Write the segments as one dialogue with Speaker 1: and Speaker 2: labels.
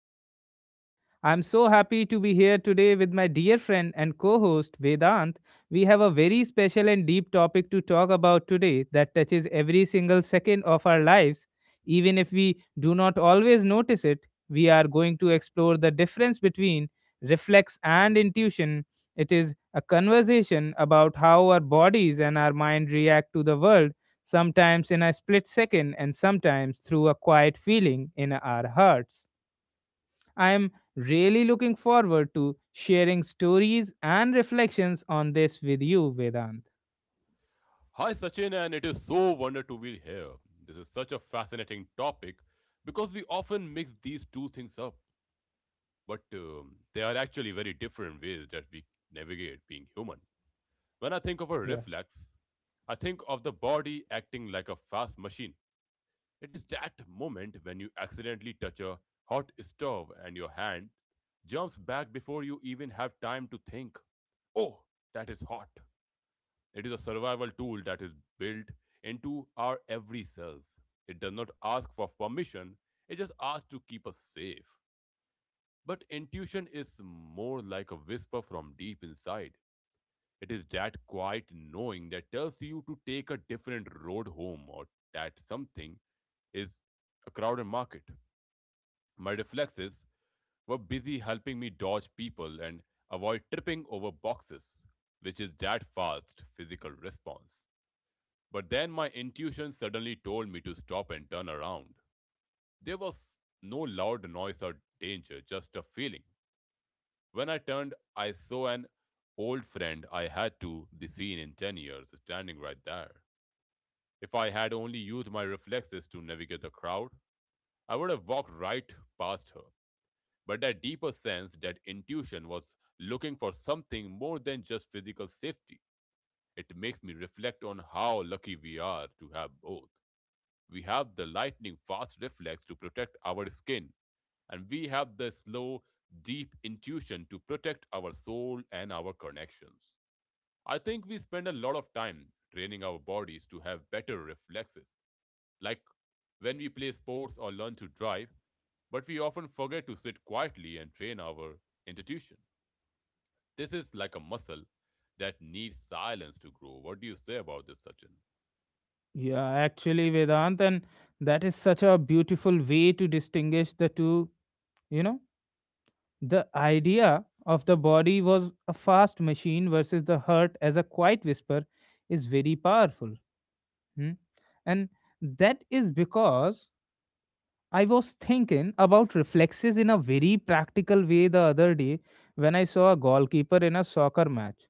Speaker 1: podcast. I'm so happy to be here today with my dear friend and co host Vedant. We have a very special and deep topic to talk about today that touches every single second of our lives. Even if we do not always notice it, we are going to explore the difference between reflex and intuition. It is a conversation about how our bodies and our mind react to the world, sometimes in a split second and sometimes through a quiet feeling in our hearts. I am really looking forward to sharing stories and reflections on this with you, Vedant.
Speaker 2: Hi Sachin, and it is so wonder to be here. This is such a fascinating topic because we often mix these two things up, but they are actually very different ways that we navigate being human. When I think of a
Speaker 1: Yeah.
Speaker 2: reflex, I think of the body acting like a fast machine. It is that moment when you accidentally touch a hot stove and your hand jumps back before you even have time to think. Oh, that is hot. It is a survival tool that is built into our every cells. It does not ask for permission, it just asks to keep us safe. But intuition is more like a whisper from deep inside. It is that quiet knowing that tells you to take a different road home or that something is a crowded market. My reflexes were busy helping me dodge people and avoid tripping over boxes, which is that fast physical response. But then my intuition suddenly told me to stop and turn around. There was no loud noise or danger, just a feeling. When I turned, I saw an old friend I had to the scene in 10 years standing right there. If I had only used my reflexes to navigate the crowd, I would have walked right past her. But that deeper sense, that intuition, was looking for something more than just physical safety. It makes me reflect on how lucky we are to have both. We have the lightning fast reflex to protect our skin, and we have the slow, deep intuition to protect our soul and our connections. I think we spend a lot of time training our bodies to have better reflexes, like when we play sports or learn to drive, but we often forget to sit quietly and train our intuition. This is like a muscle that needs silence to grow. What do you say about this, Sachin?
Speaker 1: Yeah, actually, Vedant, and that is such a beautiful way to distinguish the two. you know, The idea of the body was a fast machine versus the heart as a quiet whisper is very powerful. Hmm. And that is because I was thinking about reflexes in a very practical way the other day when I saw a goalkeeper in a soccer match.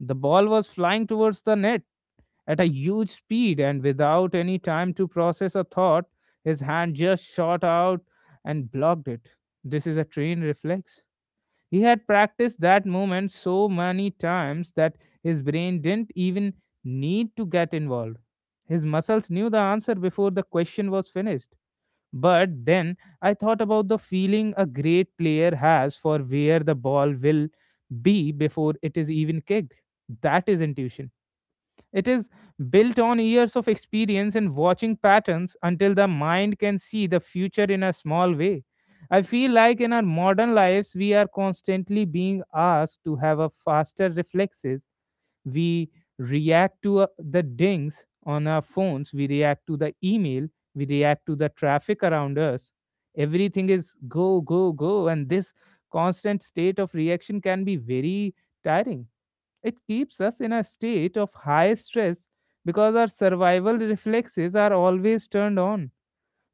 Speaker 1: The ball was flying towards the net at a huge speed, and without any time to process a thought, his hand just shot out and blocked it. This is a trained reflex. He had practiced that movement so many times that his brain didn't even need to get involved. His muscles knew the answer before the question was finished. But then I thought about the feeling a great player has for where the ball will be before it is even kicked. That is intuition. It is built on years of experience in watching patterns until the mind can see the future in a small way. I feel like in our modern lives, we are constantly being asked to have a faster reflexes. We react to the dings on our phones, we react to the email, we react to the traffic around us. Everything is go, go, go. And this constant state of reaction can be very tiring. It keeps us in a state of high stress because our survival reflexes are always turned on.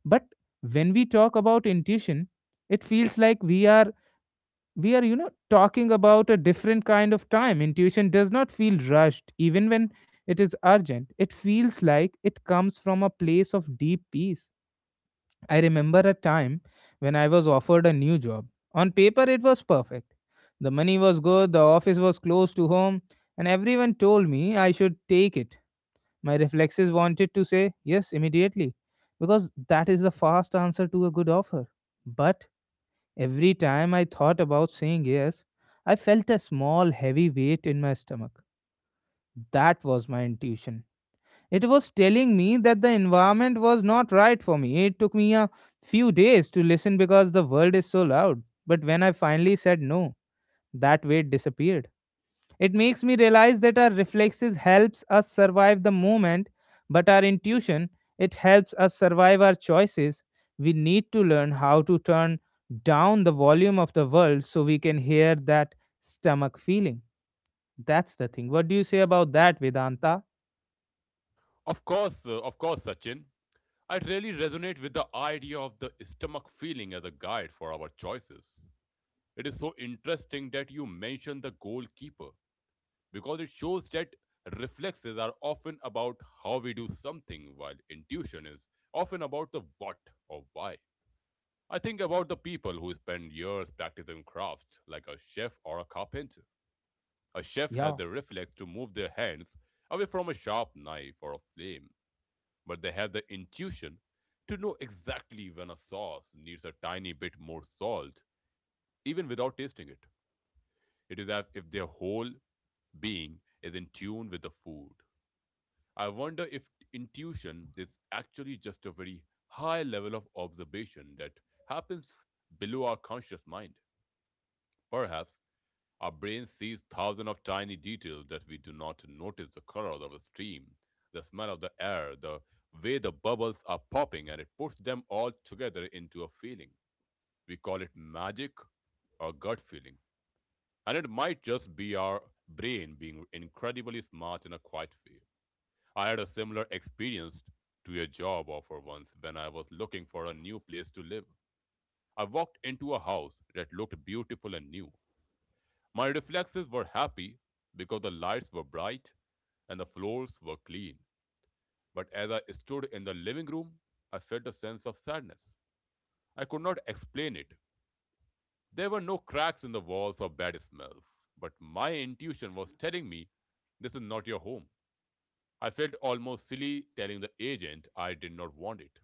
Speaker 1: But when we talk about intuition, it feels like we are talking about a different kind of time. Intuition does not feel rushed even when it is urgent. It feels like it comes from a place of deep peace. I remember a time when I was offered a new job. On paper, it was perfect. The money was good, the office was close to home, and everyone told me I should take it. My reflexes wanted to say yes immediately because that is the fast answer to a good offer. But every time I thought about saying yes, I felt a small heavy weight in my stomach. That was my intuition. It was telling me that the environment was not right for me. It took me a few days to listen because the world is so loud. But when I finally said no, that weight disappeared. It makes me realize that our reflexes helps us survive the moment, but our intuition, it helps us survive our choices. We need to learn how to turn down the volume of the world so we can hear that stomach feeling. That's the thing. What do you say about that, Vedanta?
Speaker 2: Of course, Sachin. I really resonate with the idea of the stomach feeling as a guide for our choices. It is so interesting that you mention the goalkeeper because it shows that reflexes are often about how we do something, while intuition is often about the what or why. I think about the people who spend years practicing crafts, like a chef or a carpenter. A chef has
Speaker 1: Yeah.
Speaker 2: the reflex to move their hands away from a sharp knife or a flame, but they have the intuition to know exactly when a sauce needs a tiny bit more salt, even without tasting it. It is as if their whole being is in tune with the food. I wonder if intuition is actually just a very high level of observation that happens below our conscious mind. Perhaps our brain sees thousands of tiny details that we do not notice: the colors of the stream, the smell of the air, the way the bubbles are popping, and it puts them all together into a feeling. We call it magic or gut feeling. And it might just be our brain being incredibly smart in a quiet way. I had a similar experience to a job offer once when I was looking for a new place to live. I walked into a house that looked beautiful and new. My reflexes were happy because the lights were bright and the floors were clean. But as I stood in the living room, I felt a sense of sadness. I could not explain it. There were no cracks in the walls or bad smells, but my intuition was telling me this is not your home. I felt almost silly telling the agent I did not want it.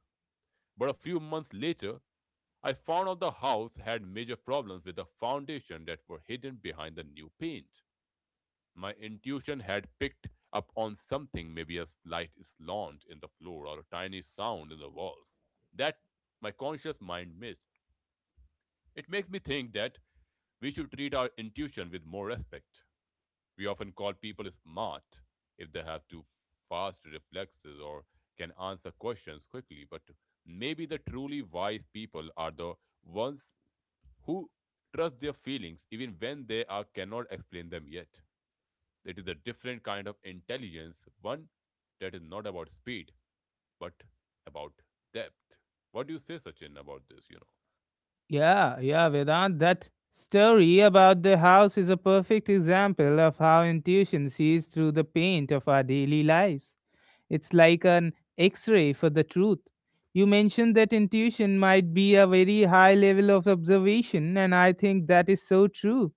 Speaker 2: But a few months later, I found out the house had major problems with the foundation that were hidden behind the new paint. My intuition had picked up on something, maybe a slight slant in the floor or a tiny sound in the walls, that my conscious mind missed. It makes me think that we should treat our intuition with more respect. We often call people smart if they have too fast reflexes or can answer questions quickly, but maybe the truly wise people are the ones who trust their feelings even when they are cannot explain them yet. It is a different kind of intelligence, one that is not about speed, but about depth. What do you say, Sachin, about this? You know,
Speaker 1: Yeah, yeah, Vedant, that story about the house is a perfect example of how intuition sees through the paint of our daily lives. It's like an x ray for the truth. You mentioned that intuition might be a very high level of observation, and I think that is so true.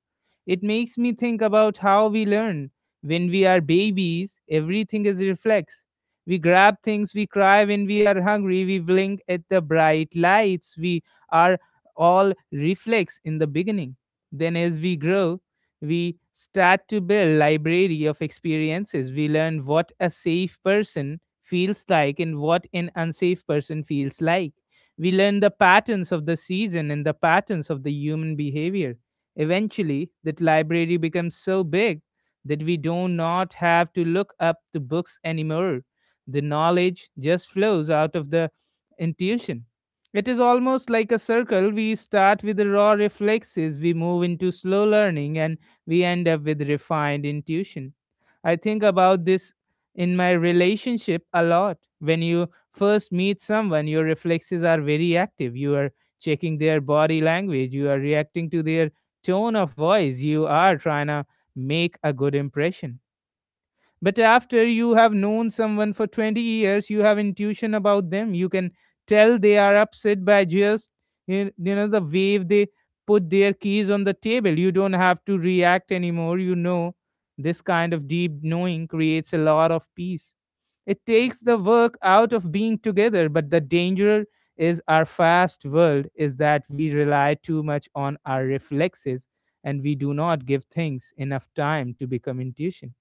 Speaker 1: It makes me think about how we learn. When we are babies, everything is reflex. We grab things, we cry when we are hungry, we blink at the bright lights, we are all reflex in the beginning. Then, as we grow, we start to build library of experiences. We learn what a safe person feels like and what an unsafe person feels like. We learn the patterns of the season and the patterns of the human behavior. Eventually, that library becomes so big that we do not have to look up the books anymore. The knowledge just flows out of the intuition. It is almost like a circle. We start with raw reflexes, we move into slow learning, and we end up with refined intuition. I think about this in my relationship a lot. When you first meet someone, your reflexes are very active. You are checking their body language, you are reacting to their tone of voice, you are trying to make a good impression, but after you have known someone for 20 years, you have intuition about them. You can tell they are upset by just the way they put their keys on the table. You don't have to react anymore. You know this kind of deep knowing creates a lot of peace. It takes the work out of being together, but the danger is our fast world is that we rely too much on our reflexes and we do not give things enough time to become intuition.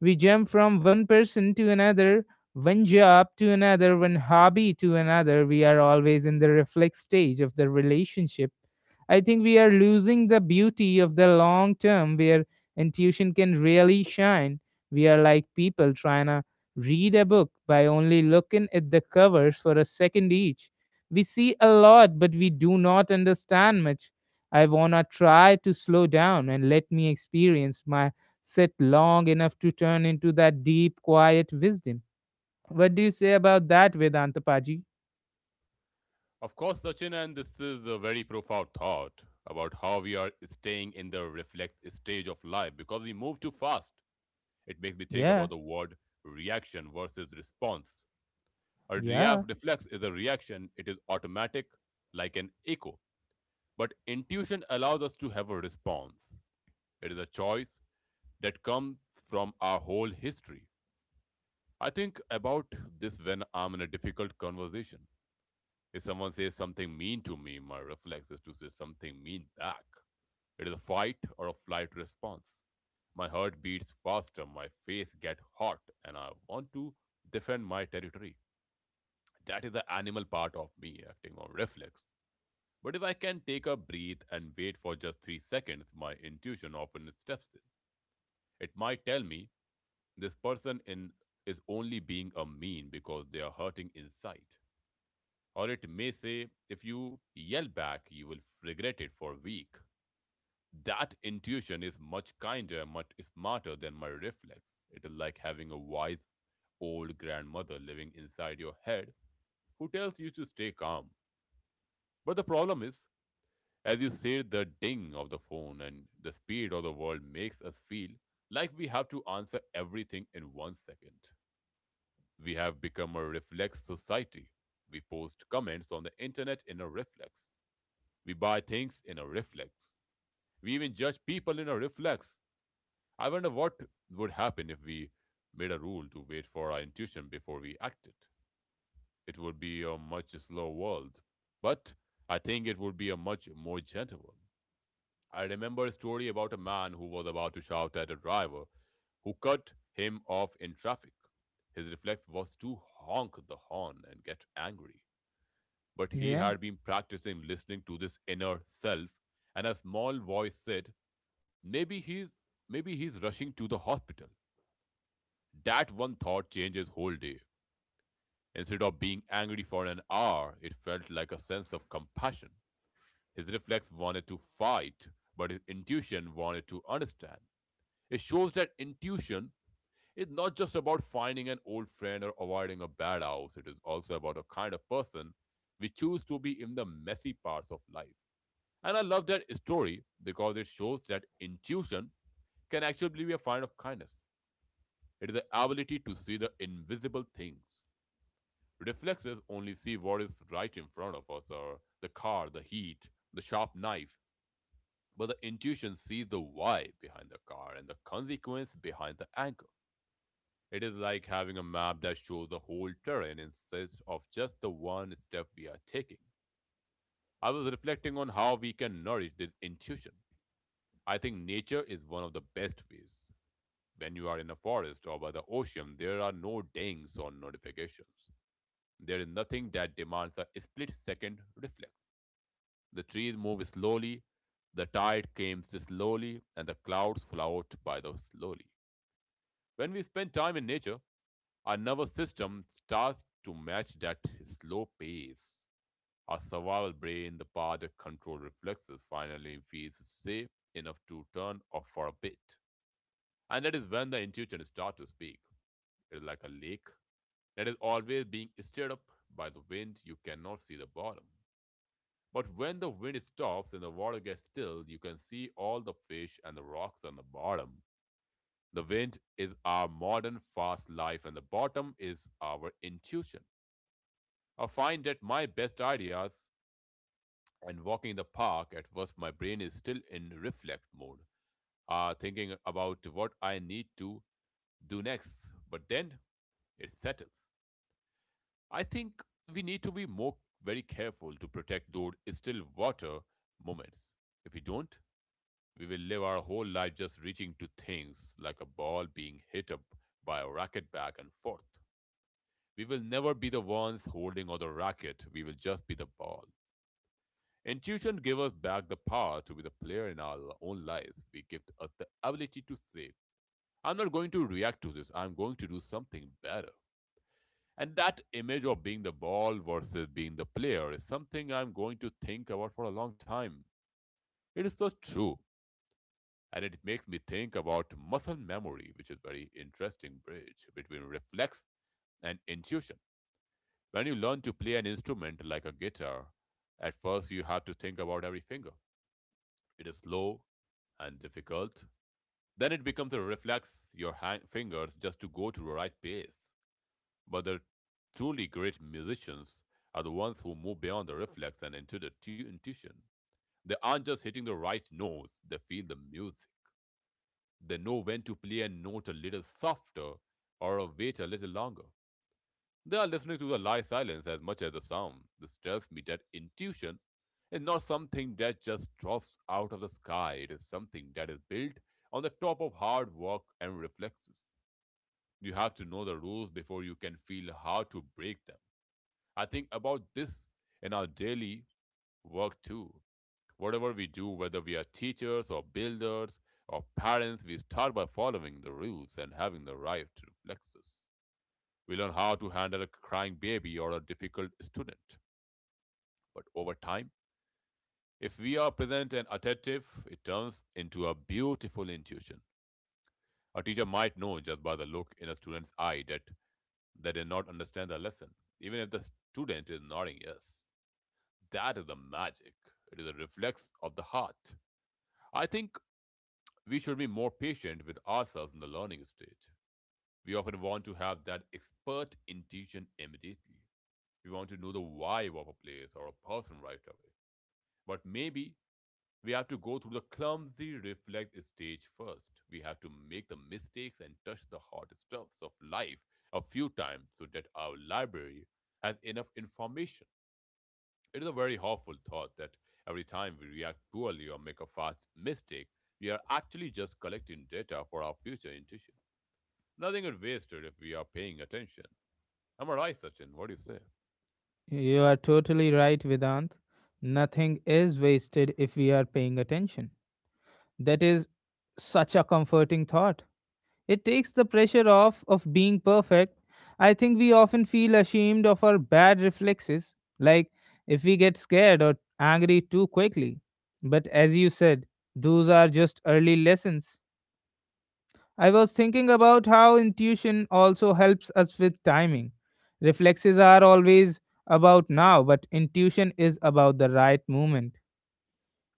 Speaker 1: We jump from one person to another, one job to another, one hobby to another. We are always in the reflex stage of the relationship. I think we are losing the beauty of the long term where intuition can really shine. We are like people trying to read a book by only looking at the covers for a second each. We see a lot, but we do not understand much. I wanna try to slow down and let me experience my sit long enough to turn into that deep, quiet wisdom. What do you say about that, Vedanta Paji?
Speaker 2: of course, Sachin, and this is a very profound thought about how we are staying in the reflex stage of life because we move too fast. It makes me think
Speaker 1: Yeah,
Speaker 2: about the word reaction versus response. A
Speaker 1: yeah,
Speaker 2: reflex is a reaction; it is automatic, like an echo. But intuition allows us to have a response. It is a choice that comes from our whole history. I think about this when I'm in a difficult conversation. If someone says something mean to me, my reflex is to say something mean back. It is a fight or a flight response. My heart beats faster, my face gets hot, and I want to defend my territory. That is the animal part of me acting on reflex. But if I can take a breath and wait for just 3 seconds, my intuition often steps in. It might tell me this person in is only being a mean because they are hurting inside. Or it may say, if you yell back, you will regret it for a week. That intuition is much kinder, much smarter than my reflex. It is like having a wise old grandmother living inside your head who tells you to stay calm. But the problem is, as you say, the ding of the phone and the speed of the world makes us feel like we have to answer everything in 1 second. We have become a reflex society. We post comments on the internet in a reflex. We buy things in a reflex. We even judge people in a reflex. I wonder what would happen if we made a rule to wait for our intuition before we acted. It would be a much slower world, but I think it would be a much more gentle one. I remember a story about a man who was about to shout at a driver who cut him off in traffic. His reflex was to honk the horn and get angry. But he
Speaker 1: yeah.
Speaker 2: had been practicing listening to this inner self, and a small voice said, maybe he's maybe he's rushing to the hospital. That one thought changed his whole day. Instead of being angry for an hour, it felt like a sense of compassion. His reflex wanted to fight, but his intuition wanted to understand. It shows that intuition is not just about finding an old friend or avoiding a bad house, it is also about the kind of person we choose to be in the messy parts of life. And I love that story because it shows that intuition can actually be a find of kindness. It is the ability to see the invisible things. Reflexes only see what is right in front of us or the car, the heat, the sharp knife. But the intuition sees the why behind the car and the consequence behind the anger. It is like having a map that shows the whole terrain instead of just the one step we are taking. I was reflecting on how we can nourish this intuition. I think nature is one of the best ways. When you are in a forest or by the ocean, there are no dings or notifications. There is nothing that demands a split second reflex. The trees move slowly, the tide comes slowly, and the clouds float by the slowly. When we spend time in nature, our nervous system starts to match that slow pace. Our survival brain, the part that controls reflexes, finally feels safe enough to turn off for a bit. And that is when the intuition starts to speak. It is like a lake that is always being stirred up by the wind. You cannot see the bottom. But when the wind stops and the water gets still, you can see all the fish and the rocks on the bottom. The wind is our modern fast life, and the bottom is our intuition. I find that my best ideas and walking in the park at first my brain is still in reflex mode, thinking about what I need to do next, but then it settles. I think we need to be more very careful to protect those still water moments. If we don't, we will live our whole life just reaching to things like a ball being hit up by a racket back and forth. We will never be the ones holding on the racket, we will just be the ball. Intuition gives us back the power to be the player in our own lives. We give us the ability to say, I'm not going to react to this, I'm going to do something better. And that image of being the ball versus being the player is something I'm going to think about for a long time. It is so true. And it makes me think about muscle memory, which is very interesting bridge between reflex and intuition. When you learn to play an instrument like a guitar, at first you have to think about every finger. It is slow and difficult, then it becomes a reflex your hand, fingers just to go to the right pace. But the truly great musicians are the ones who move beyond the reflex and into the intuition. They aren't just hitting the right notes, they feel the music. They know when to play a note a little softer or wait a little longer. They are listening to the lie silence as much as the sound. This tells me that intuition is not something that just drops out of the sky. It is something that is built on the top of hard work and reflexes. You have to know the rules before you can feel how to break them. I think about this in our daily work too. Whatever we do, whether we are teachers or builders or parents, we start by following the rules and having the right reflexes. We learn how to handle a crying baby or a difficult student. But over time, if we are present and attentive, it turns into a beautiful intuition. A teacher might know just by the look in a student's eye that they did not understand the lesson, even if the student is nodding yes. That is the magic. It is a reflex of the heart. I think we should be more patient with ourselves in the learning stage. We often want to have that expert intuition immediately. We want to know the vibe of a place or a person right away. But maybe we have to go through the clumsy reflect stage first. We have to make the mistakes and touch the hot stuffs of life a few times so that our library has enough information. It is a very harmful thought that every time we react poorly or make a fast mistake, we are actually just collecting data for our future intuition. Nothing is wasted if we are paying attention. Am I right, Sachin? What do you say?
Speaker 1: You are totally right, Vedant. Nothing is wasted if we are paying attention. That is such a comforting thought. It takes the pressure off of being perfect. I think we often feel ashamed of our bad reflexes, like if we get scared or angry too quickly. But as you said, those are just early lessons. I was thinking about how intuition also helps us with timing. Reflexes are always about now, but intuition is about the right moment.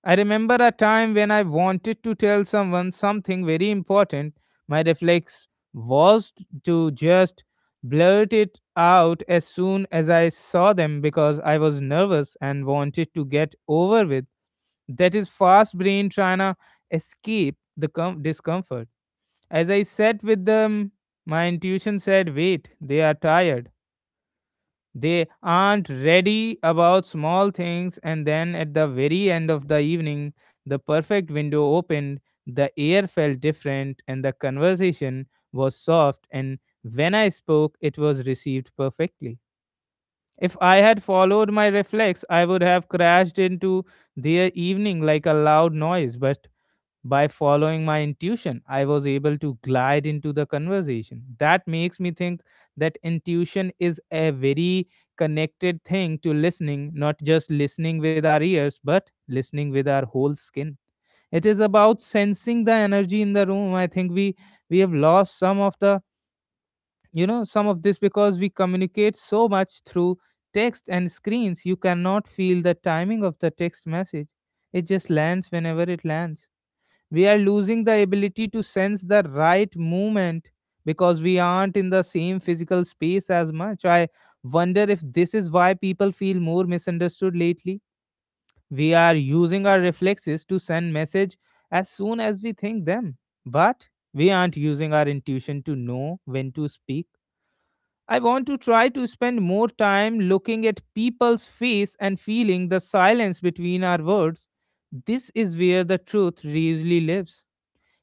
Speaker 1: I remember a time when I wanted to tell someone something very important. My reflex was to just blurt it out as soon as I saw them because I was nervous and wanted to get over with. That is fast brain trying to escape the discomfort. As I sat with them, my intuition said, wait, they are tired. They aren't ready about small things. And then at the very end of the evening, the perfect window opened, the air felt different, and the conversation was soft. And when I spoke, it was received perfectly. If I had followed my reflex, I would have crashed into their evening like a loud noise, but by following my intuition, I was able to glide into the conversation. That makes me think that intuition is a very connected thing to listening, not just listening with our ears, but listening with our whole skin. It is about sensing the energy in the room. I think we have lost some of the some of this because we communicate so much through text and screens. You cannot feel the timing of the text message. It just lands whenever it lands. We are losing the ability to sense the right movement because we aren't in the same physical space as much. I wonder if this is why people feel more misunderstood lately. We are using our reflexes to send message as soon as we think them, but we aren't using our intuition to know when to speak. I want to try to spend more time looking at people's face and feeling the silence between our words. This is where the truth really lives.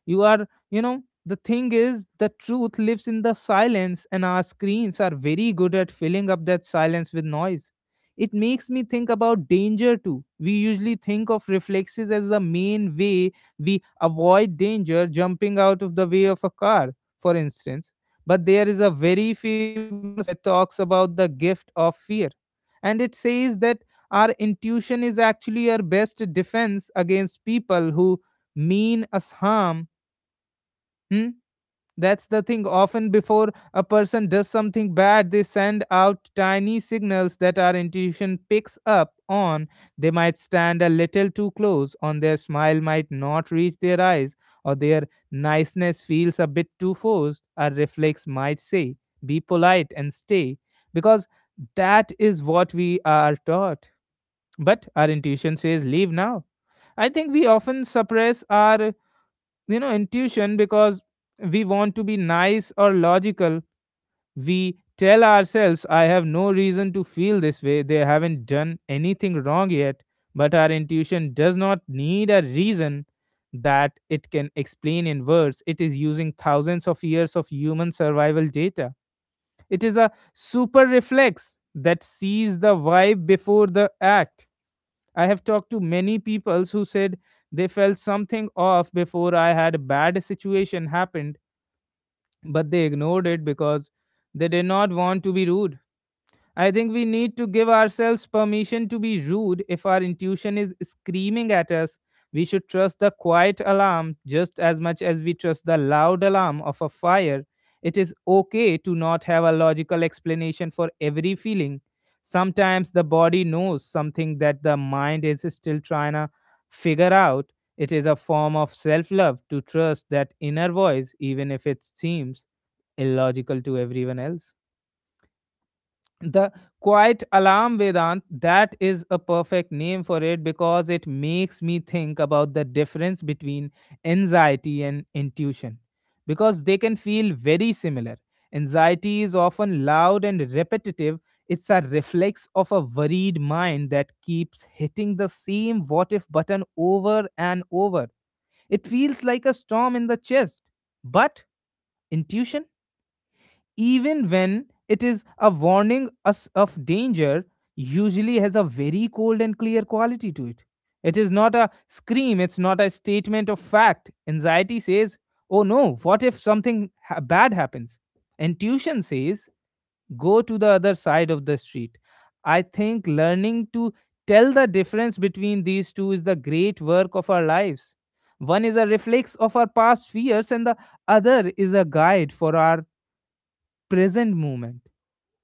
Speaker 1: You are, the thing is, the truth lives in the silence, and our screens are very good at filling up that silence with noise. It makes me think about danger too. We usually think of reflexes as the main way we avoid danger, jumping out of the way of a car, for instance. But there is a very famous book that talks about the gift of fear. And it says that our intuition is actually our best defense against people who mean us harm. Hmm? That's the thing. Often, before a person does something bad, they send out tiny signals that our intuition picks up on. They might stand a little too close, on their smile might not reach their eyes, or their niceness feels a bit too forced. Our reflex might say, "Be polite and stay," because that is what we are taught. But our intuition says, "Leave now." I think we often suppress our intuition because we want to be nice or logical. We tell ourselves, I have no reason to feel this way, they haven't done anything wrong yet. But our intuition does not need a reason that it can explain in words. It is using thousands of years of human survival data. It is a super reflex that sees the vibe before the act. I have talked to many people who said they felt something off before I had a bad situation happened, but they ignored it because they did not want to be rude. I think we need to give ourselves permission to be rude if our intuition is screaming at us. We should trust the quiet alarm just as much as we trust the loud alarm of a fire. It is okay to not have a logical explanation for every feeling. Sometimes the body knows something that the mind is still trying to figure out. It is a form of self love to trust that inner voice, even if it seems illogical to everyone else. The quiet alarm, Vedant, that is a perfect name for it, because it makes me think about the difference between anxiety and intuition, because they can feel very similar. Anxiety is often loud and repetitive. It's a reflex of a worried mind that keeps hitting the same what if button over and over. It feels like a storm in the chest. But intuition, even when it is a warning us of danger, usually has a very cold and clear quality to it. It is not a scream, it's not a statement of fact. Anxiety says, oh no, what if bad happens? Intuition says, go to the other side of the street. I think learning to tell the difference between these two is the great work of our lives. One is a reflex of our past fears, and the other is a guide for our present moment.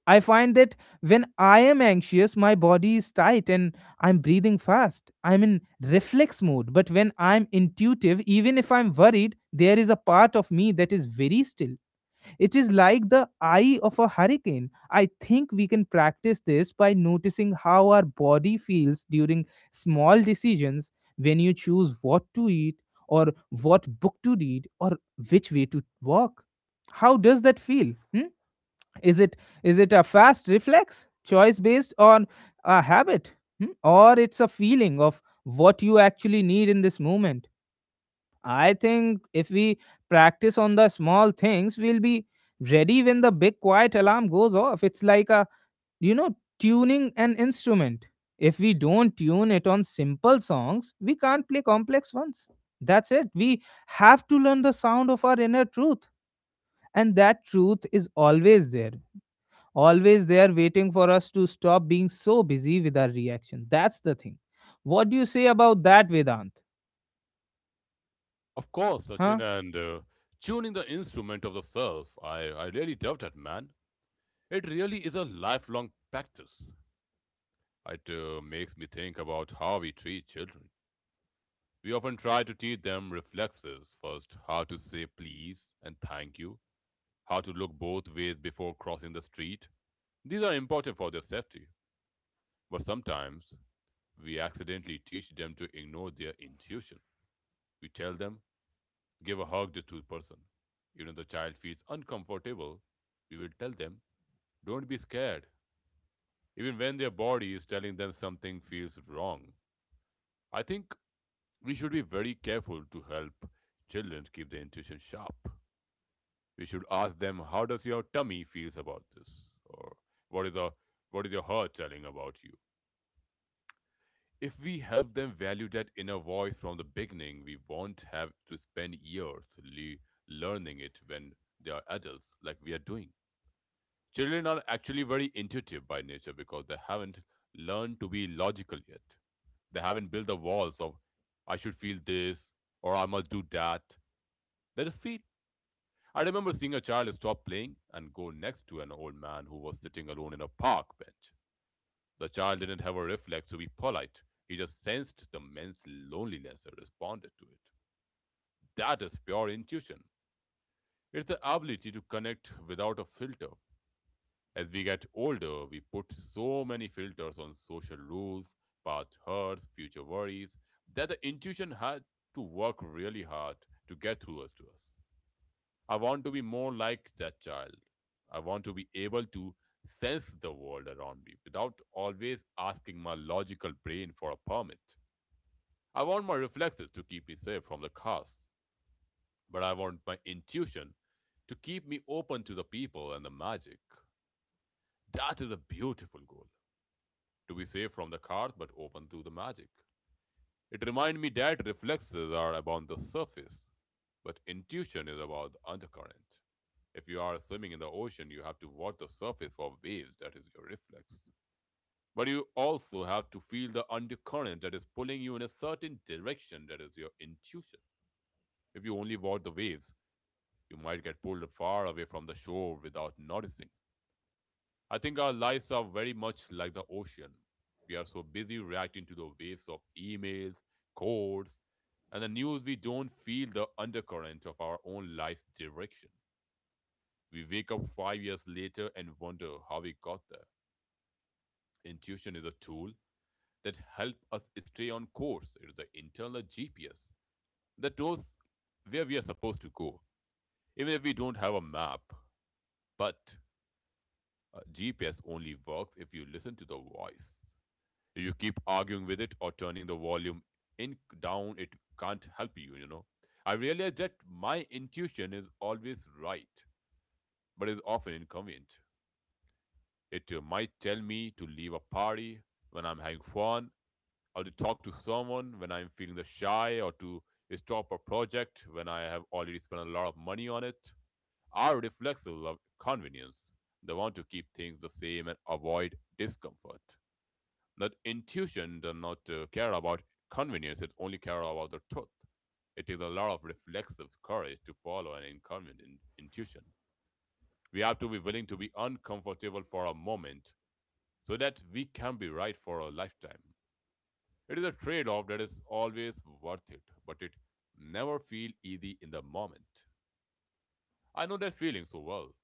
Speaker 1: I find that when I am anxious, my body is tight and I'm breathing fast. I'm in reflex mode. But when I'm intuitive, even if I'm worried, there is a part of me that is very still. It is like the eye of a hurricane. I think we can practice this by noticing how our body feels during small decisions. When you choose what to eat or what book to read or which way to walk, how does that feel? Hmm? Is it, is it a fast reflex choice based on a habit? Hmm, or it's a feeling of what you actually need in this moment? I think if we practice on the small things, we'll be ready when the big quiet alarm goes off. It's like a, tuning an instrument. If we don't tune it on simple songs, we can't play complex ones. That's it. We have to learn the sound of our inner truth, and that truth is always there, always there, waiting for us to stop being so busy with our reaction. That's the thing. What do you say about that, Vedant?
Speaker 2: Of course, Sachin,
Speaker 1: Huh?
Speaker 2: and tuning the instrument of the self, I really doubt that, man. It really is a lifelong practice. It makes me think about how we treat children. We often try to teach them reflexes first, how to say please and thank you, how to look both ways before crossing the street. These are important for their safety, but sometimes we accidentally teach them to ignore their intuition. We tell them, give a hug to the person. Even if the child feels uncomfortable, we will tell them, don't be scared. Even when their body is telling them something feels wrong. I think we should be very careful to help children keep their intuition sharp. We should ask them, how does your tummy feels about this? Or what is, the, what is your heart telling about you? If we help them value that inner voice from the beginning, we won't have to spend years learning it when they are adults, like we are doing. Children are actually very intuitive by nature because they haven't learned to be logical yet. They haven't built the walls of I should feel this or I must do that. They just feel. I remember seeing a child stop playing and go next to an old man who was sitting alone in a park bench. The child didn't have a reflex to be polite. He just sensed the man's loneliness and responded to it. That is pure intuition. It's the ability to connect without a filter. As we get older, we put so many filters on social rules, past hurts, future worries, that the intuition had to work really hard to get through us to us. I want to be more like that child. I want to be able to sense the world around me without always asking my logical brain for a permit. I want my reflexes to keep me safe from the chaos, but I want my intuition to keep me open to the people and the magic. That is a beautiful goal. To be safe from the cards but open to the magic. It reminded me that reflexes are about the surface, but intuition is about the undercurrent. If you are swimming in the ocean, you have to watch the surface for waves, that is your reflex. But you also have to feel the undercurrent that is pulling you in a certain direction, that is your intuition. If you only watch the waves, you might get pulled far away from the shore without noticing. I think our lives are very much like the ocean. We are so busy reacting to the waves of emails, codes, and the news we don't feel the undercurrent of our own life's direction. We wake up 5 years later and wonder how we got there. Intuition is a tool that helps us stay on course. It is the internal GPS that knows where we are supposed to go, even if we don't have a map. But GPS only works if you listen to the voice. You keep arguing with it or turning the volume in down it can't help you, you know. I realized that my intuition is always right but is often inconvenient. It might tell me to leave a party when I'm having fun or to talk to someone when I'm feeling the shy or to stop a project when I have already spent a lot of money on it. Our reflexes love convenience, they want to keep things the same and avoid discomfort. That intuition does not care about convenience, it only cares about the truth. It takes a lot of reflexive courage to follow an incumbent intuition. We have to be willing to be uncomfortable for a moment so that we can be right for a lifetime. It is a trade off that is always worth it, but it never feels easy in the moment. I know that feeling so well.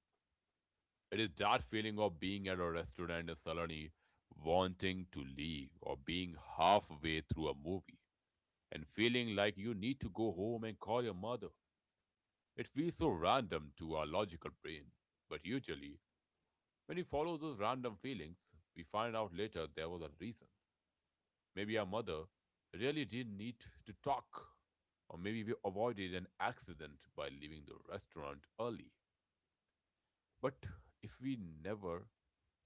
Speaker 2: It is that feeling of being at a restaurant in Saloni, wanting to leave, or being halfway through a movie, and feeling like you need to go home and call your mother. It feels so random to our logical brain, but usually, when we follow those random feelings, we find out later there was a reason. Maybe our mother really didn't need to talk, or maybe we avoided an accident by leaving the restaurant early. But if we never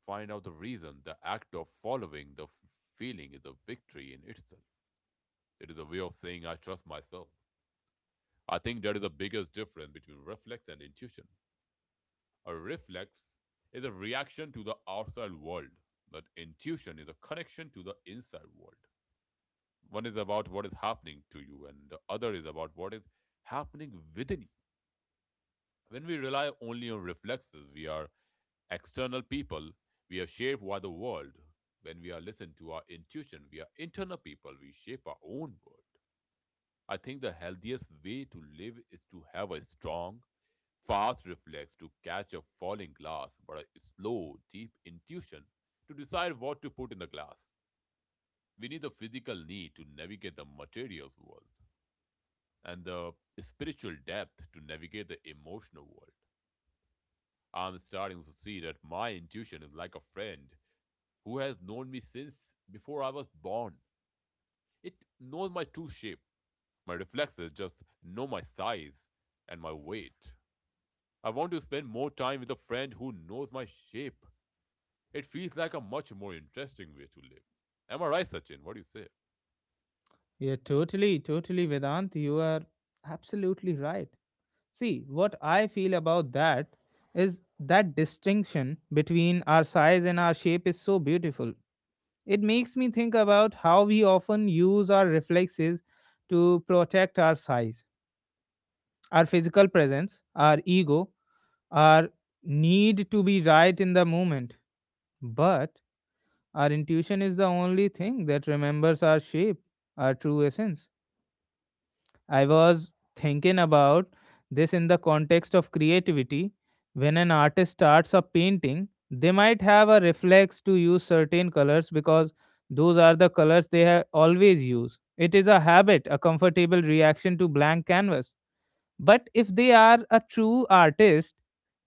Speaker 2: find out the reason, the act of following the feeling is a victory in itself. It is a way of saying, I trust myself. I think that is the biggest difference between reflex and intuition. A reflex is a reaction to the outside world, but intuition is a connection to the inside world. One is about what is happening to you, and the other is about what is happening within you. When we rely only on reflexes, we are external people, we are shaped by the world. When we are listened to our intuition, we are internal people, we shape our own world. I think the healthiest way to live is to have a strong, fast reflex to catch a falling glass, but a slow, deep intuition to decide what to put in the glass. We need the physical need to navigate the material world and the spiritual depth to navigate the emotional world. I'm starting to see that my intuition is like a friend who has known me since before I was born. It knows my true shape. My reflexes just know my size and my weight. I want to spend more time with a friend who knows my shape. It feels like a much more interesting way to live. Am I right, Sachin? What do you say?
Speaker 1: Yeah, totally, totally, Vedant. You are absolutely right. See, what I feel about that is that distinction between our size and our shape is so beautiful. It makes me think about how we often use our reflexes to protect our size, our physical presence, our ego, our need to be right in the moment, but our intuition is the only thing that remembers our shape, our true essence. I was thinking about this in the context of creativity. When an artist starts a painting, they might have a reflex to use certain colors because those are the colors they have always used. It is a habit, a comfortable reaction to blank canvas. But if they are a true artist,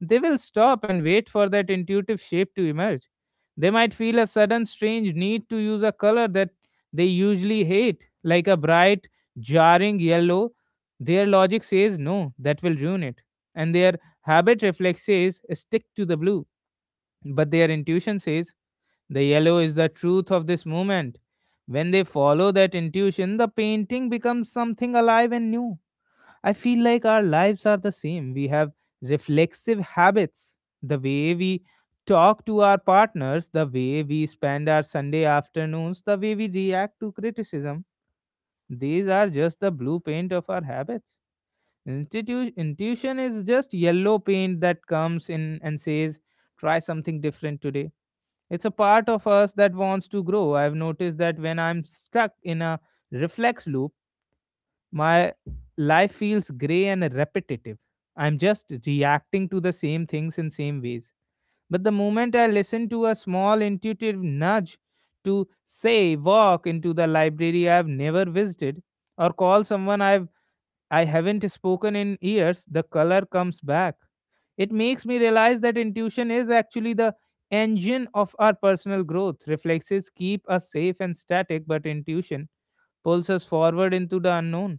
Speaker 1: they will stop and wait for that intuitive shape to emerge. They might feel a sudden strange need to use a color that they usually hate, like a bright, jarring yellow. Their logic says no, that will ruin it. And their habit reflex says stick to the blue. But their intuition says the yellow is the truth of this moment. When they follow that intuition, the painting becomes something alive and new. I feel like our lives are the same. We have reflexive habits, the way we talk to our partners, the way we spend our Sunday afternoons, the way we react to criticism. These are just the blueprint of our habits. Intuition is just yellow paint that comes in and says, try something different today. It's a part of us that wants to grow. I've noticed that when I'm stuck in a reflex loop, my life feels grey and repetitive. I'm just reacting to the same things in same ways. But the moment I listen to a small intuitive nudge to say walk into the library I've never visited or call someone I haven't spoken in years, the color comes back. It makes me realize that intuition is actually the engine of our personal growth. Reflexes keep us safe and static, but intuition pulls us forward into the unknown.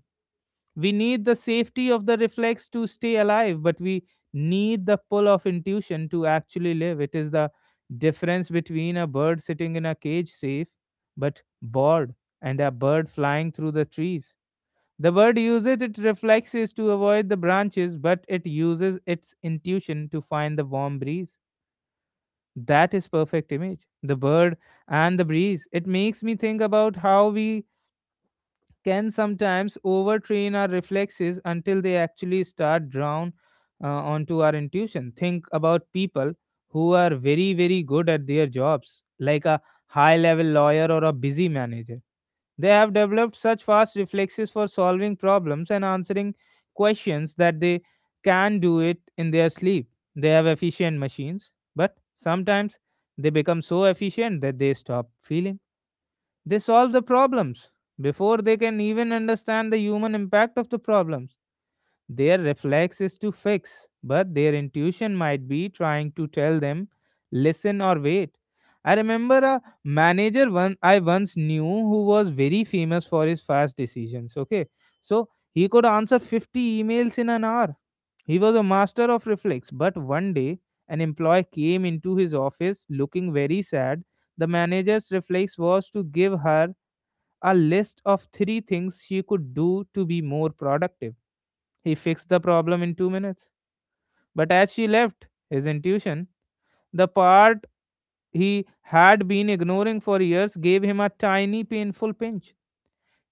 Speaker 1: We need the safety of the reflex to stay alive, but we need the pull of intuition to actually live. It is the difference between a bird sitting in a cage, safe but bored, and a bird flying through the trees. The bird uses its reflexes to avoid the branches, but it uses its intuition to find the warm breeze. That is perfect image. The bird and the breeze. It makes me think about how we can sometimes overtrain our reflexes until they actually start drown onto our intuition. Think about people who are very, very good at their jobs, like a high level lawyer or a busy manager. They have developed such fast reflexes for solving problems and answering questions that they can do it in their sleep. They have efficient machines, but sometimes they become so efficient that they stop feeling. They solve the problems before they can even understand the human impact of the problems. Their reflex is to fix, but their intuition might be trying to tell them, listen or wait. I remember a manager one I once knew who was very famous for his fast decisions. Okay, so he could answer 50 emails in an hour. He was a master of reflex, but one day an employee came into his office looking very sad. The manager's reflex was to give her a list of three things she could do to be more productive. He fixed the problem in two minutes. But as she left, his intuition, the part he had been ignoring for years, gave him a tiny painful pinch.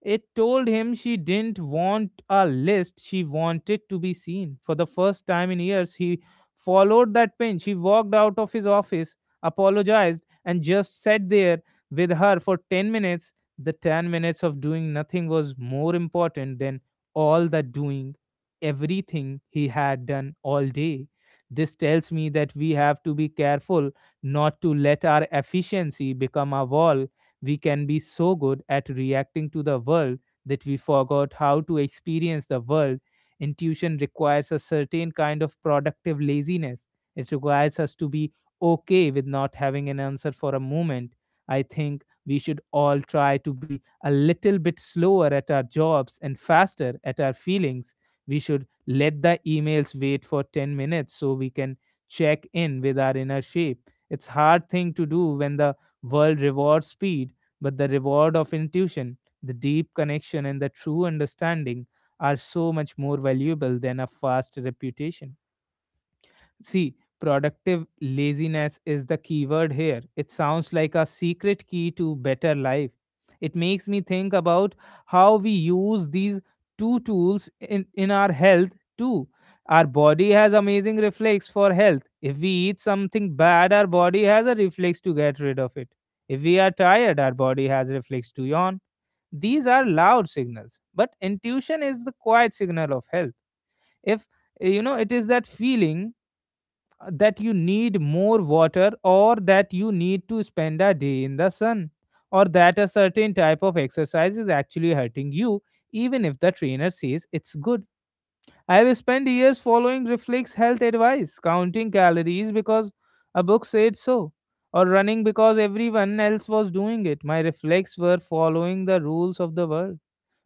Speaker 1: It told him she didn't want a list, she wanted to be seen. For the first time in years, he followed that pinch. He walked out of his office, apologized, and just sat there with her for 10 minutes. The 10 minutes of doing nothing was more important than all the doing, everything he had done all day. This tells me that we have to be careful not to let our efficiency become a wall. We can be so good at reacting to the world that we forgot how to experience the world. Intuition requires a certain kind of productive laziness. It requires us to be okay with not having an answer for a moment. I think we should all try to be a little bit slower at our jobs and faster at our feelings. We should let the emails wait for 10 minutes so we can check in with our inner shape. It's hard thing to do when the world rewards speed, but the reward of intuition, the deep connection, and the true understanding are so much more valuable than a fast reputation. See, productive laziness is the keyword here. It sounds like a secret key to better life. It makes me think about how we use these two tools in our health too. Our body has amazing reflex for health. If we eat something bad, our body has a reflex to get rid of it. If we are tired, our body has reflex to yawn. These are loud signals, but intuition is the quiet signal of health. If it is that feeling that you need more water, or that you need to spend a day in the sun, or that a certain type of exercise is actually hurting you, even if the trainer says it's good. I have spent years following reflex health advice, counting calories because a book said so, or running because everyone else was doing it. My reflex were following the rules of the world,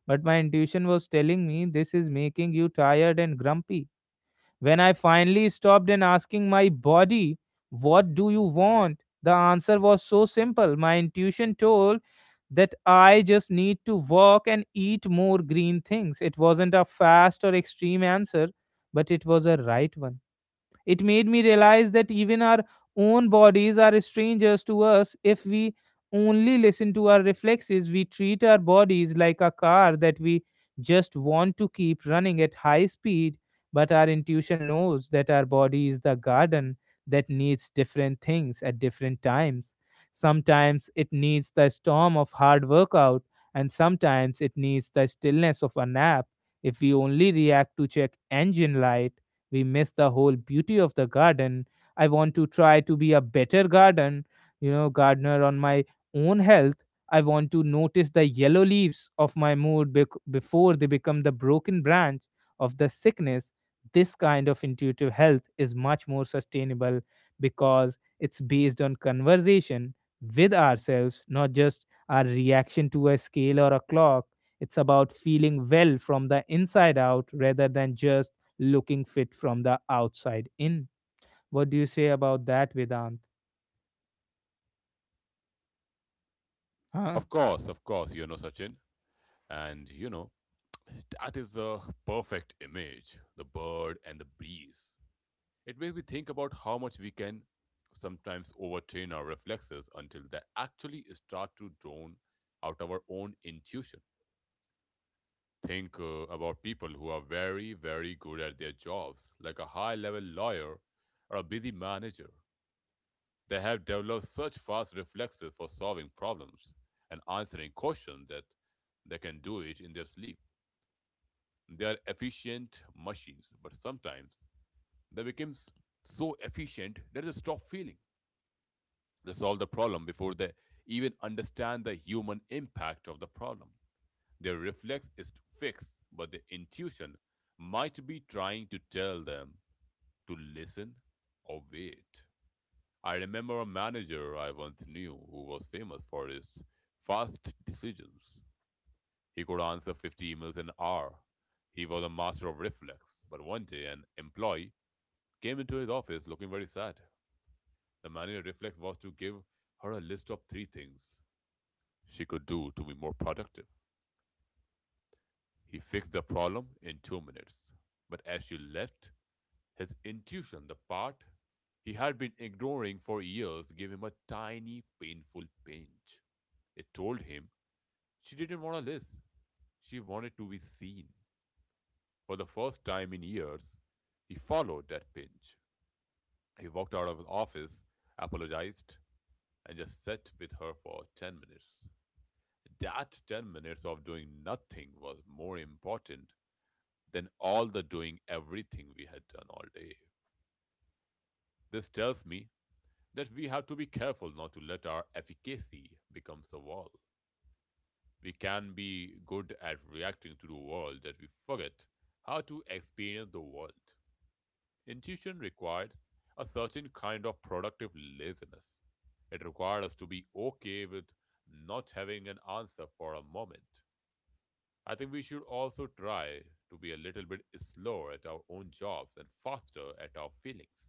Speaker 1: but my intuition was telling me this is making you tired and grumpy. When I finally stopped and asking my body, what do you want? The answer was so simple. My intuition told that I just need to walk and eat more green things. It wasn't a fast or extreme answer, but it was a right one. It made me realize that even our own bodies are strangers to us if we only listen to our reflexes. We treat our bodies like a car that we just want to keep running at high speed, but our intuition knows that our body is the garden that needs different things at different times. Sometimes it needs the storm of hard workout, and sometimes it needs the stillness of a nap. If we only react to check engine light, we miss the whole beauty of the garden. I want to try to be a better gardener on my own health. I want to notice the yellow leaves of my mood before they become the broken branch of the sickness. This kind of intuitive health is much more sustainable because it's based on conversation with ourselves, not just our reaction to a scale or a clock. It's about feeling well from the inside out rather than just looking fit from the outside in. What do you say about that, Vedant? Huh?
Speaker 2: Of course, you know, Sachin. And, you know, that is the perfect image the bird and the breeze. It makes me think about how much we can sometimes overtrain our reflexes until they actually start to drown out our own intuition. Think about people who are very, very good at their jobs, like a high level lawyer or a busy manager. They have developed such fast reflexes for solving problems and answering questions that they can do it in their sleep. They are efficient machines, but sometimes they become so efficient that they stop feeling. They solve the problem before they even understand the human impact of the problem. Their reflex is fixed, but their intuition might be trying to tell them to listen or wait. I remember a manager I once knew who was famous for his fast decisions. He could answer 50 emails an hour. He was a master of reflex, but 1 day an employee came into his office looking very sad. The manager's reflex was to give her a list of three things she could do to be more productive. He fixed the problem in 2 minutes. But as she left, his intuition, the part he had been ignoring for years, gave him a tiny, painful pinch. It told him she didn't want a list, she wanted to be seen. For the first time in years, he followed that pinch. He walked out of his office, apologized, and just sat with her for 10 minutes. That 10 minutes of doing nothing was more important than all the doing everything we had done all day. This tells me that we have to be careful not to let our efficacy become a wall. We can be good at reacting to the world that we forget how to experience the world. Intuition requires a certain kind of productive laziness. It requires us to be okay with not having an answer for a moment. I think we should also try to be a little bit slower at our own jobs and faster at our feelings.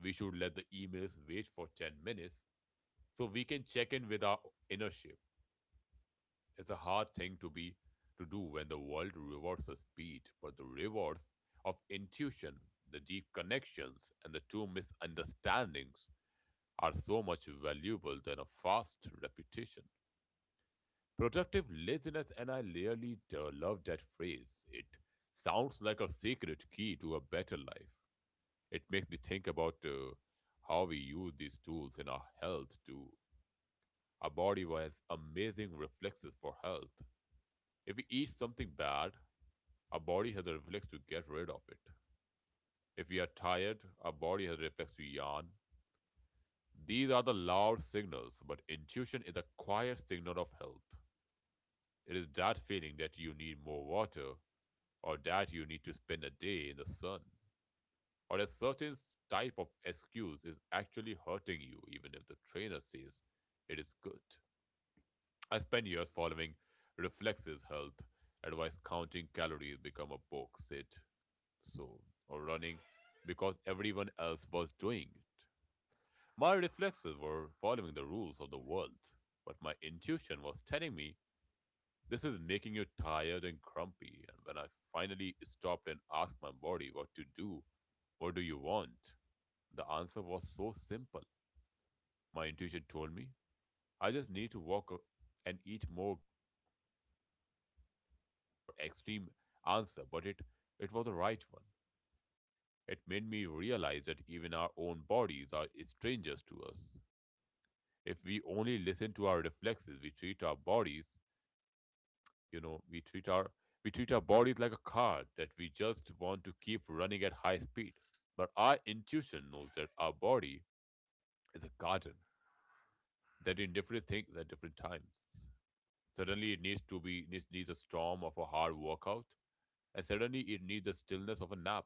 Speaker 2: We should let the emails wait for 10 minutes so we can check in with our inner ship. It's a hard thing to do when the world rewards the speed, but the rewards of intuition, the deep connections, and the two misunderstandings are so much valuable than a fast reputation. Productive laziness, and I really do love that phrase. It sounds like a secret key to a better life. It makes me think about how we use these tools in our health too. Our body has amazing reflexes for health. If we eat something bad, our body has a reflex to get rid of it. If we are tired, our body has a reflex to yawn. These are the loud signals, but intuition is a quiet signal of health. It is that feeling that you need more water or that you need to spend a day in the sun, or a certain type of excuse is actually hurting you, even if the trainer says it is good. I spent years following reflexes health advice, counting calories become a box sit, so, or running because everyone else was doing it. My reflexes were following the rules of the world, but my intuition was telling me, this is making you tired and grumpy. And when I finally stopped and asked my body what to do, what do you want? The answer was so simple. My intuition told me I just need to and eat more green things. It wasn't a fast or extreme answer, but it was the right one. It made me realize that even our own bodies are strangers to us. If we only listen to our reflexes, we treat our bodies. We treat our bodies like a car that we just want to keep running at high speed. But our intuition knows that our body is a garden that in different things at different times. Suddenly it needs to be needs, needs a storm of a hard workout, and suddenly it needs the stillness of a nap.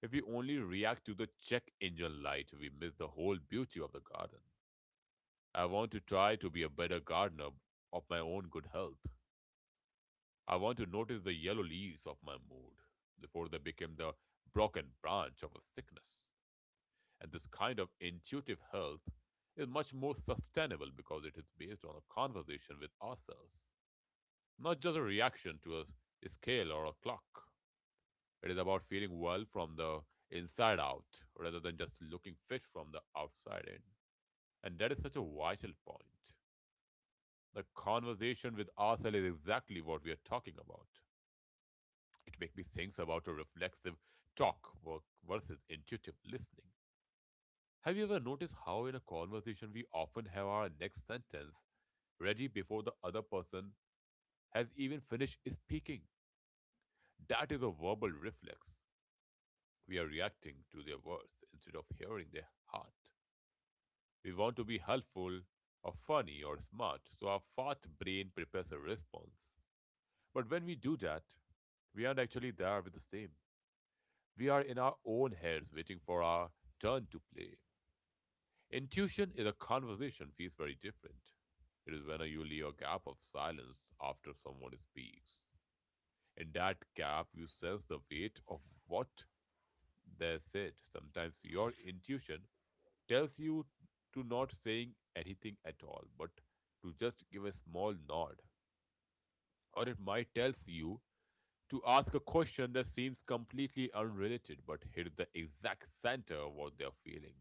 Speaker 2: If we only react to the check engine light, we miss the whole beauty of the garden. I want to try to be a better gardener of my own good health. I want to notice the yellow leaves of my mood before they become the broken branch of a sickness. And this kind of intuitive health is much more sustainable because it is based on a conversation with ourselves, not just a reaction to a scale or a clock. It is about feeling well from the inside out rather than just looking fit from the outside in. And that is such a vital point. The conversation with ourselves is exactly what we are talking about. It made me think about a reflexive talk work versus intuitive listening. Have you ever noticed how in a conversation we often have our next sentence ready before the other person has even finished speaking? That is a verbal reflex. We are reacting to their words instead of hearing their heart. We want to be helpful or funny or smart, so our fat brain prepares a response. But when we do that, we aren't actually there with the same. We are in our own heads waiting for our turn to play. Intuition is a conversation feels very different. It is when you leave a gap of silence after someone speaks. In that gap, you sense the weight of what they said. Sometimes your intuition tells you to not saying anything at all, but to just give a small nod. Or it might tells you to ask a question that seems completely unrelated, but hit the exact center of what they are feeling.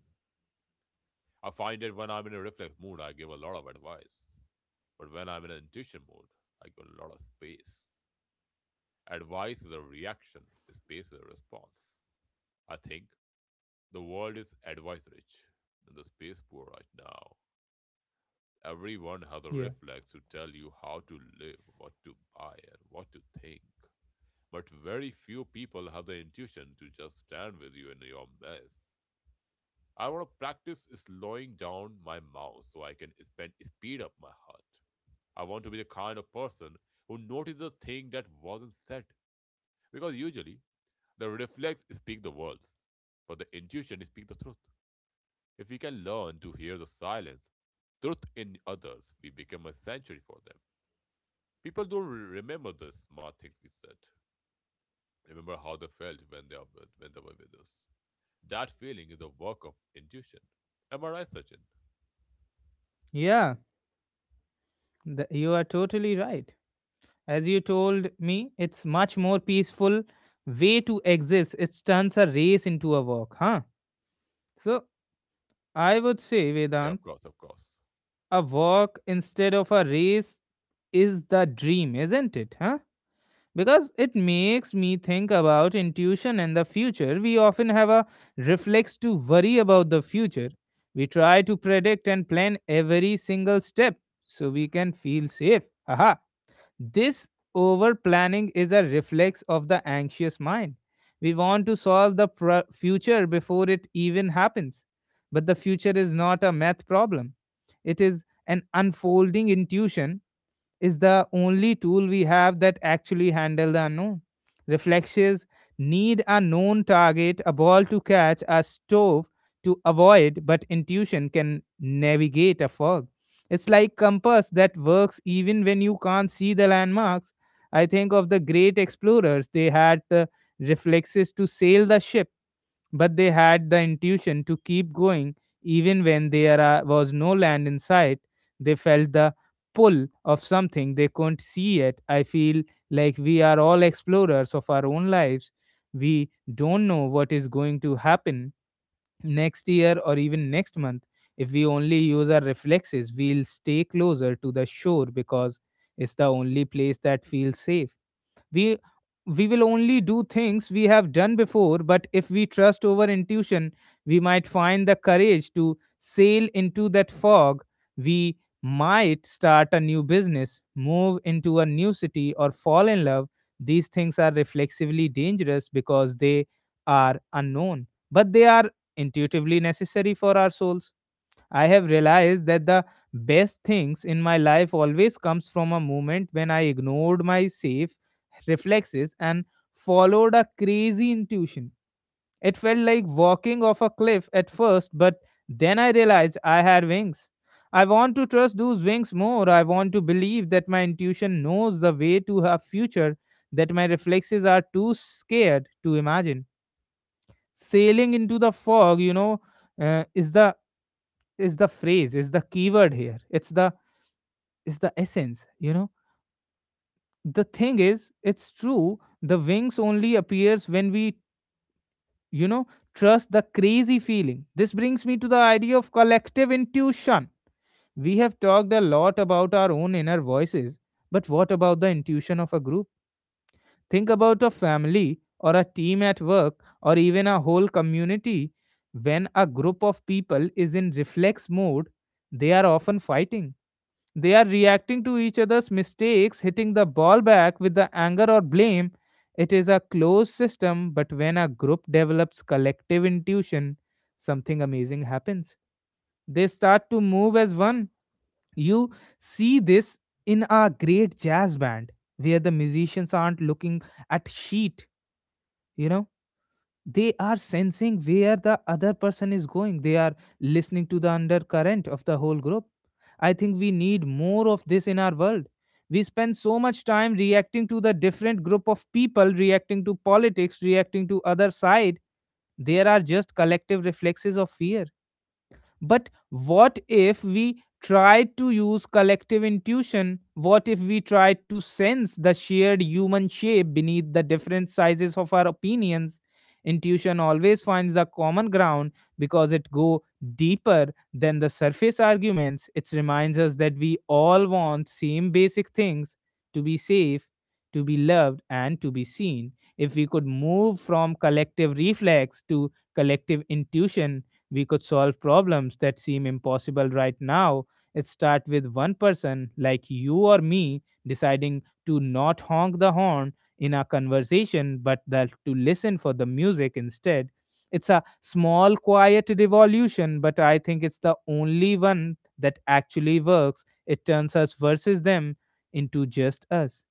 Speaker 2: I find that when I'm in a reflex mood, I give a lot of advice. But when I'm in an intuition mode, I give a lot of space. Advice is a reaction, space is a response. I think the world is advice rich and the space poor right now. Everyone has a
Speaker 1: Yeah.
Speaker 2: reflex to tell you how to live, what to buy, and what to think. But very few people have the intuition to just stand with you in your mess. I want to practice slowing down my mouth so I can spend speed up my heart. I want to be the kind of person who notices a thing that wasn't said because usually the reflex speak the words, but the intuition speak the truth. If we can learn to hear the silence, truth in others, we become a sanctuary for them. People don't remember the smart things we said. Remember how they felt when they when they were with us. That feeling is a work of intuition. Am I right, Sachin?
Speaker 1: Yeah, you are totally right. As you told me, it's much more peaceful way to exist. It turns a race into a walk, huh? So I would say,
Speaker 2: Yeah, yeah,
Speaker 1: Vedant,
Speaker 2: of course, of course.
Speaker 1: a walk instead of a race is the dream, isn't it? Huh? Because it makes me think about intuition and the future. We often have a reflex to worry about the future. We try to predict and plan every single step so we can feel safe. Haha. This over planning is a reflex of the anxious mind. We want to solve the future before it even happens. But the future is not a math problem, it is an unfolding intuition is the only tool we have that actually handle the unknown. Reflexes need a known target, a ball to catch, a stove to avoid, but intuition can navigate a fog. It's like compass that works even when you can't see the landmarks. I think of the great explorers, they had the reflexes to sail the ship but they had the intuition to keep going even when there was no land in sight. They felt the pull of something they couldn't see yet. I feel like we are all explorers of our own lives. We don't know what is going to happen next year or even next month. If we only use our reflexes, we'll stay closer to the shore because it's the only place that feels safe. We we will only do things we have done before, but if we trust over intuition, we might find the courage to sail into that fog. We might start a new business, move into a new city, or fall in love. These things are reflexively dangerous because they are unknown, but they are intuitively necessary for our souls. I have realized that the best things in my life always comes from a moment when I ignored my safe reflexes and followed a crazy intuition. It felt like walking off a cliff at first, but then I realized I had wings. I want to trust those wings more. I want to believe that my intuition knows the way to a future that my reflexes are too scared to imagine. Sailing into the fog, you know, uh, is the is the phrase is the keyword here. It's the essence you know. The thing is, it's true, the wings only appears when we, you know trust the crazy feeling. This brings me to the idea of collective intuition. We have talked a lot about our own inner voices, but what about the intuition of a group? Think about a family or a team at work, or even a whole community. When a group of people is in reflex mode, they are often fighting. They are reacting to each other's mistakes, hitting the ball back with the anger or blame. It is a closed system, but when a group develops collective intuition, something amazing happens. They start to move as one. You see this in a great jazz band where the musicians aren't looking at sheet, you know, they are sensing where the other person is going. They are listening to the undercurrent of the whole group. I think we need more of this in our world. We spend so much time reacting to the different group of people, reacting to politics, reacting to other side. There are just collective reflexes of fear, but what if we tried to use collective intuition? What if we tried to sense the shared human shape beneath the different sizes of our opinions? Intuition always finds the common ground because it go deeper than the surface arguments. It reminds us that we all want same basic things: to be safe, to be loved, and to be seen. If we could move from collective reflex to collective intuition, we could solve problems that seem impossible right now. It start with one person like you or me deciding to not honk the horn in a conversation, but that to listen for the music instead. It's a small quiet revolution, but I think it's the only one that actually works. It turns us versus them into just us.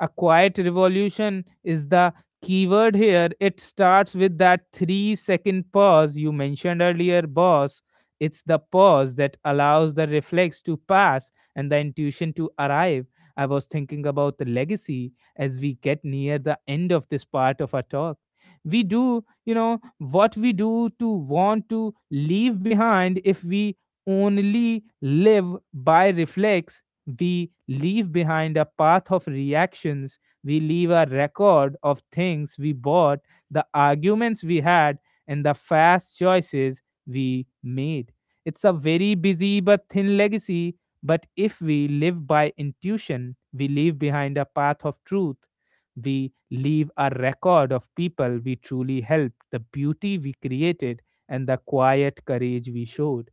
Speaker 1: A quiet revolution is the keyword here. It starts with that 3 second pause you mentioned earlier, boss. It's the pause that allows the reflex to pass and the intuition to arrive. I was thinking about the legacy as we get near the end of this part of our talk. We do, you know, what we do to want to leave behind if we only live by reflex, we leave behind a path of reactions. We leave a record of things we bought, the arguments we had, and the fast choices we made. It's a very busy but thin legacy, but if we live by intuition, we leave behind a path of truth. We leave a record of people we truly helped, the beauty we created, and the quiet courage we showed.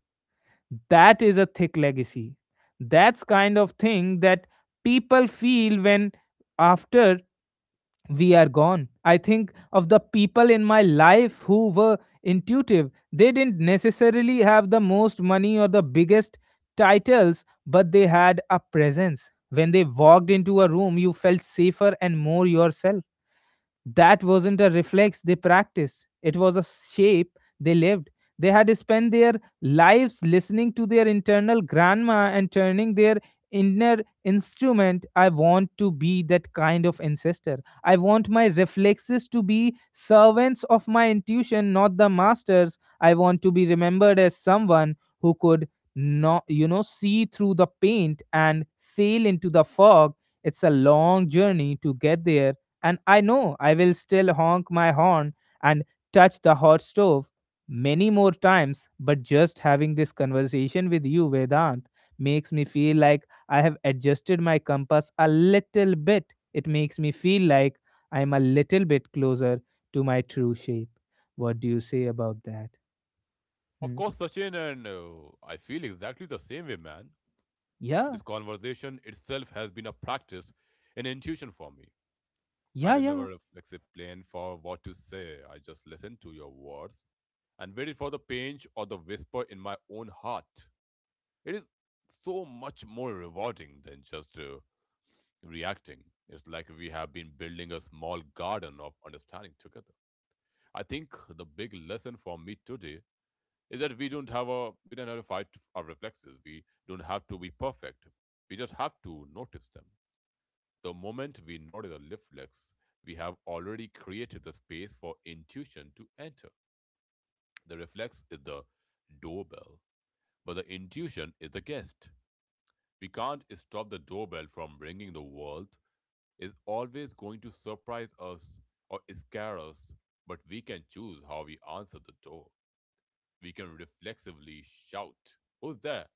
Speaker 1: That is a thick legacy. That's kind of thing that people feel when after we are gone. I think of the people in my life who were intuitive. They didn't necessarily have the most money or the biggest titles, but they had a presence. When they walked into a room you felt safer and more yourself. That wasn't a reflex they practiced, it was a shape they lived. They had spent their lives listening to their internal grandma and turning their inner instrument. I want to be that kind of ancestor. I want my reflexes to be servants of my intuition, not the masters. I want to be remembered as someone who could not, you know, see through the paint and sail into the fog. It's a long journey to get there, and I know I will still honk my horn and touch the hot stove many more times, but just having this conversation with you, Vedant, makes me feel like I have adjusted my compass a little bit. It makes me feel like I'm a little bit closer to my true shape. What do you say about that?
Speaker 2: Of
Speaker 1: Hmm?
Speaker 2: course, Sachin, and I feel exactly the same way, man.
Speaker 1: Yeah,
Speaker 2: This conversation itself has been a practice, an intuition for me. I
Speaker 1: yeah,
Speaker 2: did
Speaker 1: yeah,
Speaker 2: never like say plan for what to say. I just listened to your words and waited for the pinch or the whisper in my own heart. It is so much more rewarding than just reacting. It's like we have been building a small garden of understanding together. I think the big lesson for me today is that we don't have to fight our reflexes. We don't have to be perfect. We just have to notice them. The moment we notice a reflex, we have already created the space for intuition to enter. The reflex is the doorbell, but the intuition is the guest. We can't stop the doorbell from ringing. The world is always going to surprise us or scare us, but we can choose how we answer the door. We can reflexively shout, "Who's there?"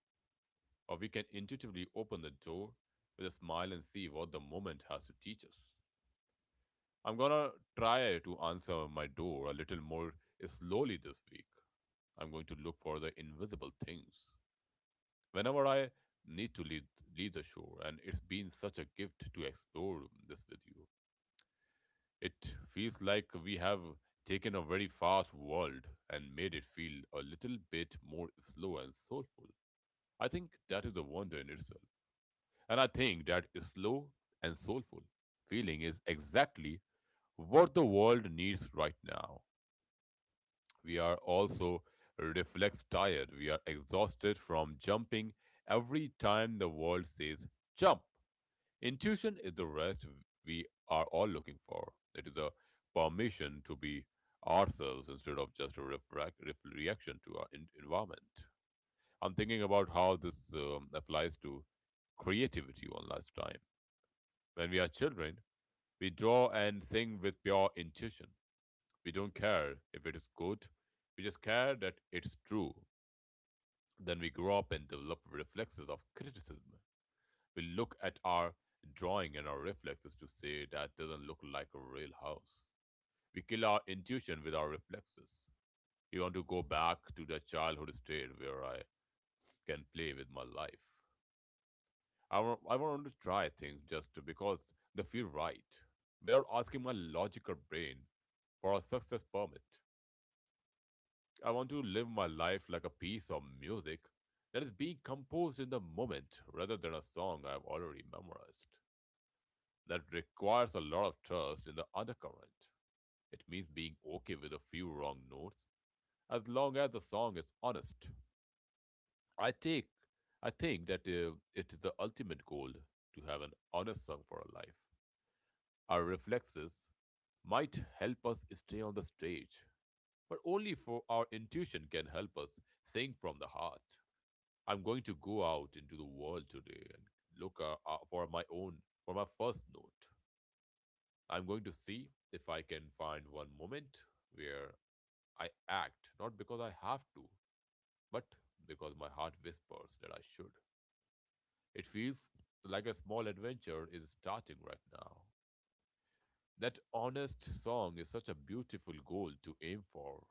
Speaker 2: Or we can intuitively open the door with a smile and see what the moment has to teach us. I'm gonna try to answer my door a little more slowly this week. I'm going to look for the invisible things. Whenever I need to leave the shore, and it's been such a gift to explore this with you. It feels like we have taken a very fast world and made it feel a little bit more slow and soulful. I think that is a wonder in itself. And I think that slow and soulful feeling is exactly what the world needs right now. We are also reflex tired. We are exhausted from jumping every time the world says jump. Intuition is the rest we are all looking for. It is a permission to be ourselves instead of just a reaction to our environment. I'm thinking about how this applies to creativity one last time. When we are children, we draw and think with pure intuition. We don't care if it is good, we just care that it's true. Then we grow up and develop reflexes of criticism. We look at our drawing and our reflexes to say that doesn't look like a real house. We kill our intuition with our reflexes. We want to go back to the childhood state where I can play with my life. I want to try things because they feel right. Without asking my logical brain for a success permit. I want to live my life like a piece of music that is being composed in the moment rather than a song I've already memorized. That requires a lot of trust in the undercurrent. It means being okay with a few wrong notes as long as the song is honest. I take I think that it is the ultimate goal to have an honest song for a life. Our reflexes might help us stay on the stage, but only for our intuition can help us sing from the heart. I'm going to go out into the world today and look for for my first note. I'm going to see if I can find one moment where I act, not because I have to, but because my heart whispers that I should. It feels like a small adventure is starting right now. That honest song is such a beautiful goal to aim for.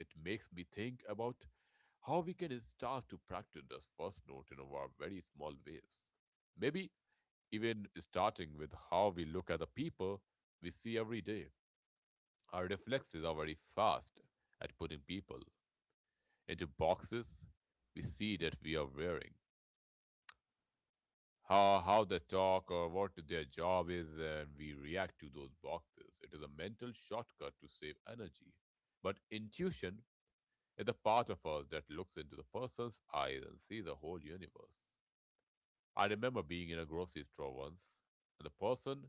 Speaker 2: It makes me think about how we can start to practice this first note in our very small ways. Maybe even starting with how we look at the people we see every day. Our reflexes are very fast at putting people into boxes we see that we are wearing. How they talk or what their job is, and we react to those boxes. It is a mental shortcut to save energy, but intuition is a part of us that looks into the person's eyes and sees the whole universe. I remember being in a grocery store once, and the person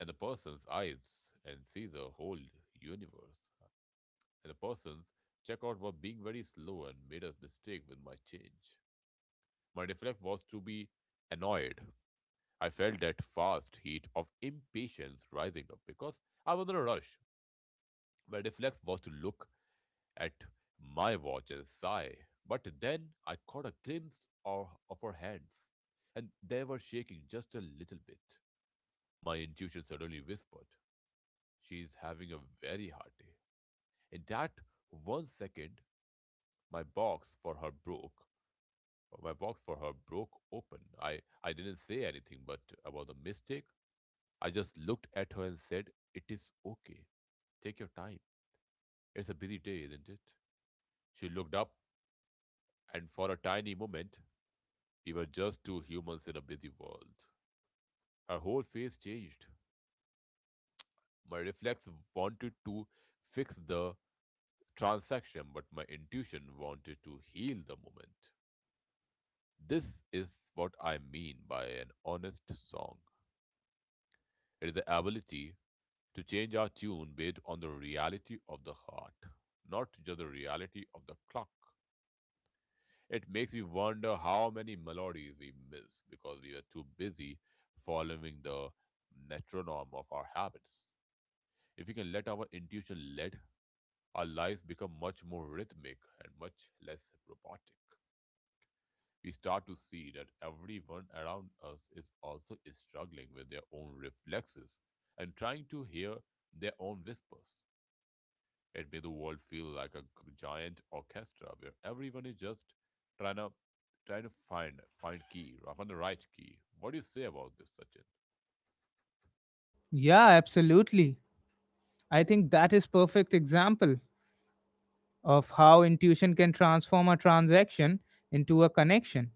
Speaker 2: and the person's eyes and sees the whole universe. And the person's checkout was being very slow and made a mistake with my change. My reflex was to be annoyed. I felt that fast heat of impatience rising up because I was in a rush. My reflex was to look at my watch and sigh, but then I caught a glimpse of her hands, and they were shaking just a little bit. My intuition suddenly whispered, she's having a very hard day. In that 1 second, my box for her broke. My box for her broke open. I didn't say anything but about the mistake. I just looked at her and said, "It is okay. Take your time. It's a busy day, isn't it?" She looked up, and for a tiny moment, we were just two humans in a busy world. Her whole face changed. My reflex wanted to fix the transaction, but my intuition wanted to heal the moment. This is what I mean by an honest song. It is the ability to change our tune based on the reality of the heart, not just the reality of the clock. It makes me wonder how many melodies we miss because we are too busy following the metronome of our habits. If we can let our intuition lead, our lives become much more rhythmic and much less robotic. We start to see that everyone around us is also struggling with their own reflexes and trying to hear their own whispers. It made the world feel like a giant orchestra where everyone is just trying to trying to find key, find the right key. What do you say about this, Sachin?
Speaker 1: yeah, absolutely. I think that is perfect example of how intuition can transform a transaction into a connection.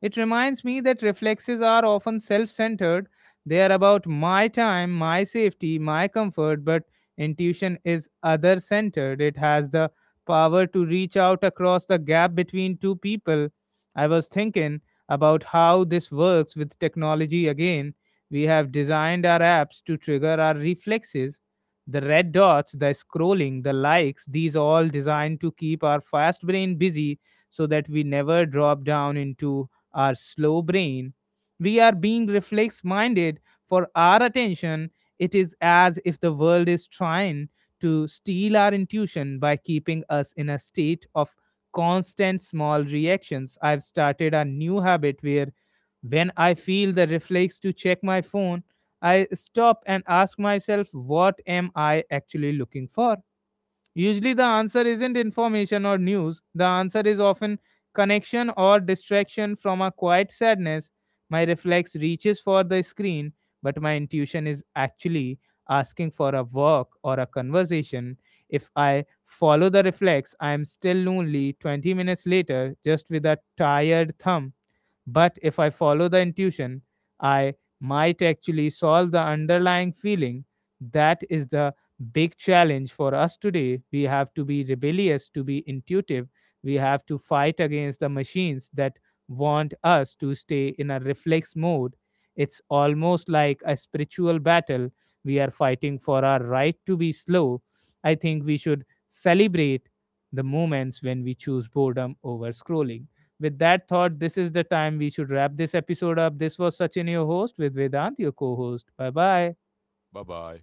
Speaker 1: It reminds me that reflexes are often self centered. They are about my time, my safety, my comfort, but intuition is other centered. It has the power to reach out across the gap between two people. I was thinking about how this works with technology again. We have designed our apps to trigger our reflexes. The red dots, the scrolling, the likes, these all designed to keep our fast brain busy so that we never drop down into our slow brain. We are being reflex minded for our attention. It is as if the world is trying to steal our intuition by keeping us in a state of constant small reactions. I've started a new habit where when I feel the reflex to check my phone, I stop and ask myself, what am I actually looking for? Usually, the answer isn't information or news. The answer is often connection or distraction from a quiet sadness. My reflex reaches for the screen, but my intuition is actually asking for a walk or a conversation. If I follow the reflex, I am still lonely 20 minutes later, just with a tired thumb, but if I follow the intuition, I might actually solve the underlying feeling. That is the big challenge for us today. We have to be rebellious, to be intuitive. We have to fight against the machines that want us to stay in a reflex mode. It's almost like a spiritual battle. We are fighting for our right to be slow. I think we should celebrate the moments when we choose boredom over scrolling. With that thought, this is the time we should wrap this episode up. This was Sachin, your host, with Vedant, your co host. Bye bye.
Speaker 2: Bye bye.